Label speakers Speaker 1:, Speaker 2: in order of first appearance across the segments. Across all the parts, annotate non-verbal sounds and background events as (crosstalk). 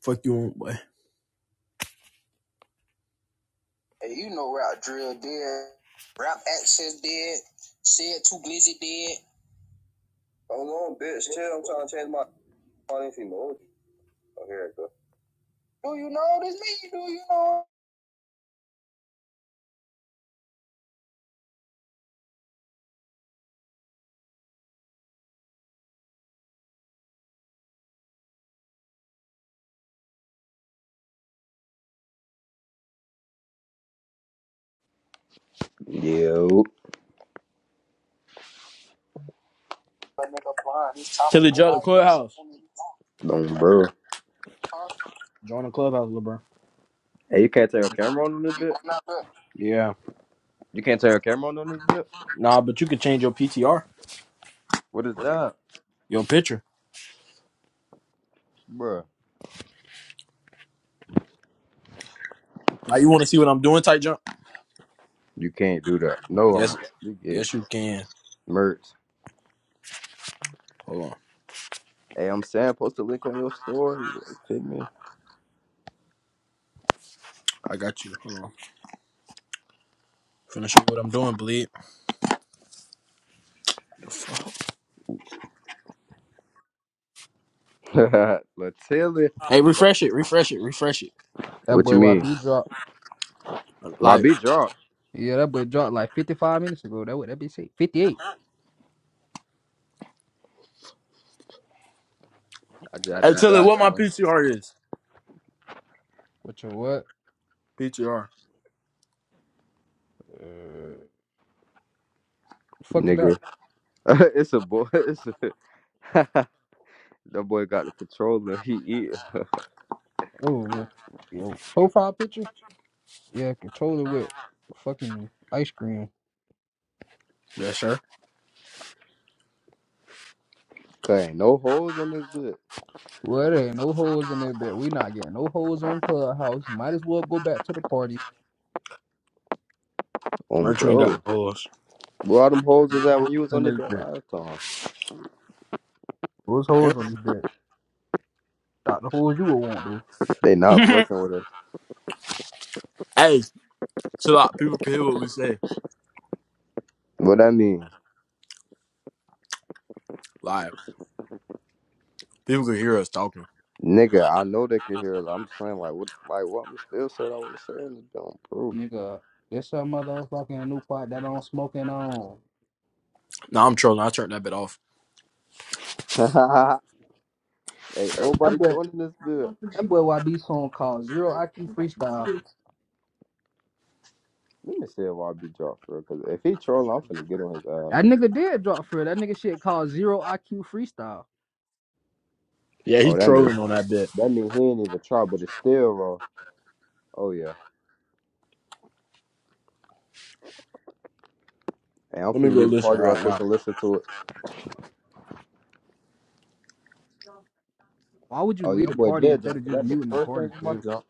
Speaker 1: Fuck you on, boy. Hey, you know Rap Drill did, Rap Access did, Said Too Glizzy did. Hold on, bitch. Chill. I'm trying to change my calling emoji. Oh, here it go. Do you know this me? Do you know?
Speaker 2: Yo,
Speaker 1: That nigga blind. He's talking Tilly joined the clubhouse.
Speaker 2: don't bro.
Speaker 1: Join the clubhouse, LeBron.
Speaker 2: Hey, you can't turn your camera on in this
Speaker 1: You
Speaker 2: bit.
Speaker 1: Yeah.
Speaker 2: You can't turn your camera on in this bit.
Speaker 1: Nah, but you can change your PTR,
Speaker 2: What is that,
Speaker 1: your picture.
Speaker 2: Bruh.
Speaker 1: Now you want to see what I'm doing, tight jump?
Speaker 2: You can't do that. No, I
Speaker 1: Yes,
Speaker 2: want you get
Speaker 1: yes, you can.
Speaker 2: merch.
Speaker 1: Hold on,
Speaker 2: Hey, I'm saying, post a link on your story. Like, fit me.
Speaker 1: I got you. Hold on. Finna what I'm doing, bleed.
Speaker 2: (laughs) Latilla.
Speaker 1: Hey,
Speaker 3: That,
Speaker 1: refresh it, refresh it, refresh it.
Speaker 3: that
Speaker 2: What
Speaker 3: boy
Speaker 2: you mean?
Speaker 3: YB dropped.
Speaker 2: My
Speaker 1: Like,
Speaker 2: beat dropped.
Speaker 3: Yeah, that boy dropped like 55 minutes ago. That would that be sick. 58.
Speaker 2: I just added
Speaker 1: hey,
Speaker 2: you
Speaker 1: tell her
Speaker 2: back,
Speaker 1: what my
Speaker 2: son.
Speaker 1: PTR is.
Speaker 3: What your what?
Speaker 1: PTR.
Speaker 3: Uh, fuck it
Speaker 2: Nigga,
Speaker 3: up.
Speaker 2: (laughs) it's a boy. It's a (laughs) that boy got the controller. He eat.
Speaker 3: Oh, yo, yo. Profile picture? Yeah, controller with fucking ice cream.
Speaker 1: Yes, sir.
Speaker 2: Cause ain't no holes on this bit.
Speaker 3: Well, there ain't no holes in there, bed. We not getting no holes on Clubhouse. Might as well go back to the party.
Speaker 2: On
Speaker 1: Merch ain't got
Speaker 2: bro.
Speaker 1: no holes.
Speaker 2: Where all them holes
Speaker 3: No
Speaker 2: was at when
Speaker 3: holes
Speaker 2: you was
Speaker 3: in
Speaker 2: on the
Speaker 3: this
Speaker 2: bit
Speaker 3: bed.
Speaker 2: last time?
Speaker 3: Those
Speaker 1: Yeah.
Speaker 3: holes on this bed? Not the holes you would want, though.
Speaker 2: They not fucking with us.
Speaker 1: Hey, chill out. People can hear what we say.
Speaker 2: What I mean,
Speaker 1: Like, people can hear us talking.
Speaker 2: nigga, I know they can hear. it. I'm just saying, like, what, like, what? I'm still saying I was saying it, don't prove.
Speaker 3: Nigga, this a motherfucking new part that I'm smoking on.
Speaker 1: Nah, I'm trolling. I turned that bit off.
Speaker 2: (laughs) Ain't
Speaker 3: That
Speaker 2: nobody
Speaker 3: boy,
Speaker 2: joining this bit.
Speaker 3: that boy YB song called Zero IQ Freestyle.
Speaker 2: Let me see if I be dropped for because if he trolling, I'm finna get on his
Speaker 3: That
Speaker 2: ass.
Speaker 3: nigga did drop for it. That nigga shit called Zero IQ Freestyle.
Speaker 1: Yeah, he
Speaker 2: Oh, that mean
Speaker 1: trolling on that bit.
Speaker 2: that mean he ain't even try, but it's still raw. Oh yeah, and I'm
Speaker 1: Let me
Speaker 2: finna
Speaker 1: go
Speaker 2: leave the
Speaker 1: listen
Speaker 2: party right
Speaker 1: right
Speaker 2: quick
Speaker 1: now.
Speaker 2: and listen to it.
Speaker 3: Why would
Speaker 2: Oh,
Speaker 3: you
Speaker 2: your
Speaker 3: lead a
Speaker 2: boy
Speaker 3: party
Speaker 2: did
Speaker 3: instead
Speaker 2: jump
Speaker 3: of
Speaker 2: because
Speaker 3: just
Speaker 2: that be the
Speaker 3: muting the
Speaker 2: first
Speaker 3: party,
Speaker 2: thing on my
Speaker 3: bro?
Speaker 2: jump.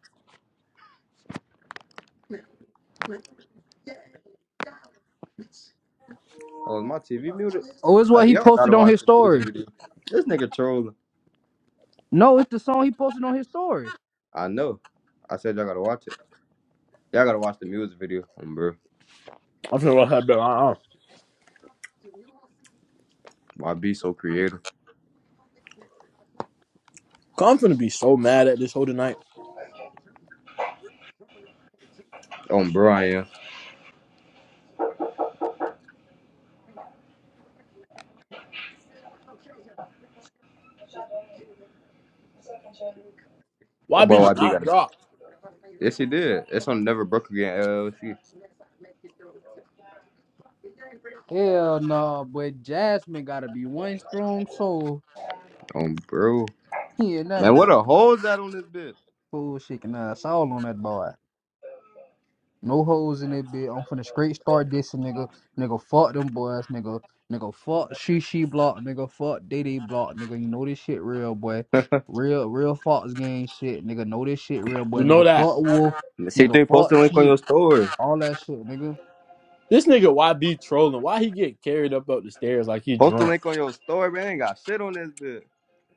Speaker 2: Oh, is my TV muted.
Speaker 3: Oh, it's
Speaker 2: Uh,
Speaker 3: what he
Speaker 2: y'all
Speaker 3: posted
Speaker 2: gotta
Speaker 3: on
Speaker 2: watch
Speaker 3: his
Speaker 2: the music
Speaker 3: story.
Speaker 2: video. This nigga trolling.
Speaker 3: No, it's the song he posted on his story.
Speaker 2: I know. I said y'all gotta watch it. Y'all gotta watch the music video on bro.
Speaker 1: I'm finna watch that bit. Uh-uh.
Speaker 2: YB so creative.
Speaker 1: 'Cause I'm finna be so mad at this whole tonight.
Speaker 2: On bro, I am. That boy
Speaker 1: YB did
Speaker 2: YB
Speaker 1: not
Speaker 2: got a.
Speaker 1: drop.
Speaker 2: Yes, he did. It's on Never Broke Again LLC.
Speaker 3: Hell no, but Jasmine gotta be one strong soul.
Speaker 2: On bro.
Speaker 3: He in that
Speaker 2: Man, what
Speaker 3: bit.
Speaker 2: a hole's that on this bitch.
Speaker 3: Fool shaking ass all on that boy. No hoes in that bitch. I'm finna straight start dissing nigga. Nigga, fuck them boys, nigga. Nigga, fuck she she block, nigga. Fuck they they block, nigga. You know this shit real, boy. Real, real Fox gang shit, nigga. Know this shit real, boy.
Speaker 1: You know
Speaker 3: Nigga,
Speaker 1: that.
Speaker 3: fuck Wolf, nigga.
Speaker 2: C3, post the
Speaker 3: Fuck
Speaker 2: link on
Speaker 3: sheep,
Speaker 2: your story.
Speaker 3: all that shit, nigga.
Speaker 1: This nigga YB trolling. Why he get carried up up the stairs like he
Speaker 2: Post the
Speaker 1: drunk?
Speaker 2: link on your story, man. Ain't got shit on this bitch.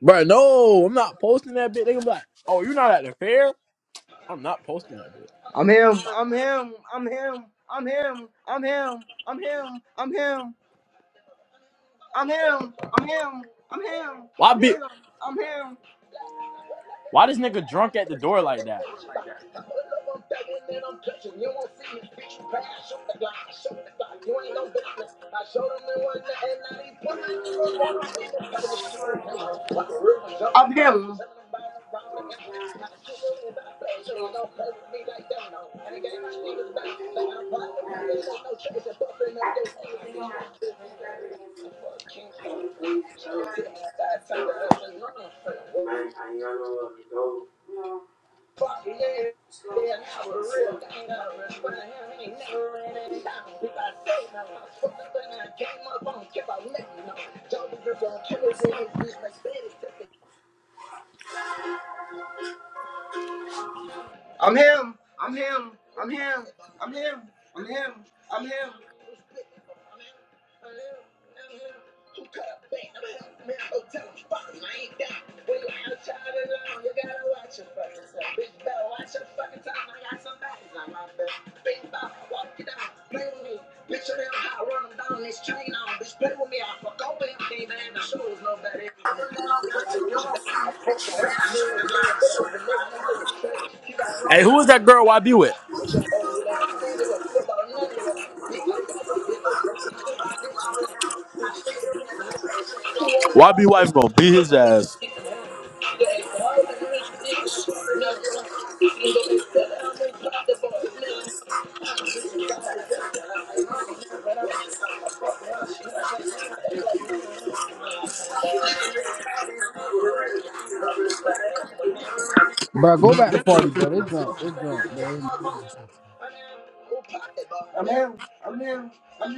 Speaker 1: Bro, no, I'm not posting that bit. They gonna be like, oh, you not at the fair? I'm not posting that bit.
Speaker 2: I'm him. I'm him. I'm him. I'm him. I'm him. I'm him. I'm him. I'm him. I'm him. I'm him. I'm him. I'm
Speaker 1: YB
Speaker 2: him. I'm him.
Speaker 1: Why this nigga drunk at the door like that?
Speaker 2: I put it up, I'm begging and I'm touching. You won't see me preach past. Shoot the block, shoot the block. You ain't no business. I showed them they wasn't nothing. Now these pussy niggas wanna see me coming to shoot down. Like a river jumping. Up here. Tell I kill you in the flesh. You ain't gonna play with me like that, no. And they gave my niggas back. They got a problem with me. Ain't no chase. They're up their head like these ones. Living the- Fuck King She gonna me side, talk to her, say, no, I'm fucking Fuck yeah, they are real down. Gotta respect him, ain't never ran down. If I say now, I fuck I came up on care about nothing. No, jokers is on killers in his bitch like Betty. I'm him, I'm him, I'm him, I'm him, I'm him, I'm him. Who cut up bang? I'm him, man. Oh, tell him, fuck him, I ain't down. When you outside alone, you gotta watch your fucking self. Bitch, better watch your fucking time. I got somebody's on my back. Big Bob, walk it out. Play with me. Picture them how I run them down this chain on. Bitch, play with me. I fuck over everything, man. The show is no better. I'm a huge bitch. I'm a huge bitch. I fuck her up, little girl, but over little nigga with shades. She got a lot
Speaker 1: Hey,
Speaker 2: of
Speaker 1: who is that
Speaker 2: people in
Speaker 1: girl
Speaker 2: my
Speaker 1: YB with?
Speaker 2: bitch. With your old ass. I don't give a fuck about none of y'all. Bitch, I got a bigger burger cookie.
Speaker 1: YB wife gonna beat his ass.
Speaker 3: Bro, go back to party, bro. They drunk, they drunk, bro.
Speaker 2: I'm here. I'm here. I'm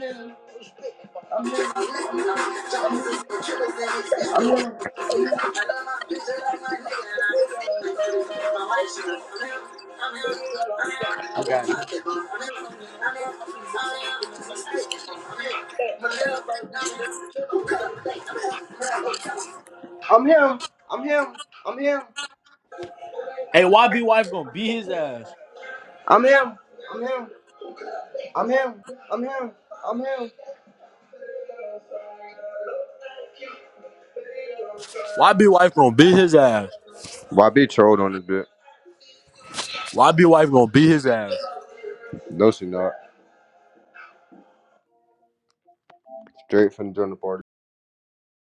Speaker 2: here. I'm here. I got you. I'm him. I'm him. I'm him.
Speaker 1: Hey, YB wife gonna beat his ass.
Speaker 2: I'm him. I'm him. I'm him. I'm him. I'm him.
Speaker 1: YB wife gonna beat his ass.
Speaker 2: Why be trolled on this bit.
Speaker 1: YB wife gonna beat his ass.
Speaker 2: No, she not. Straight from the dinner party.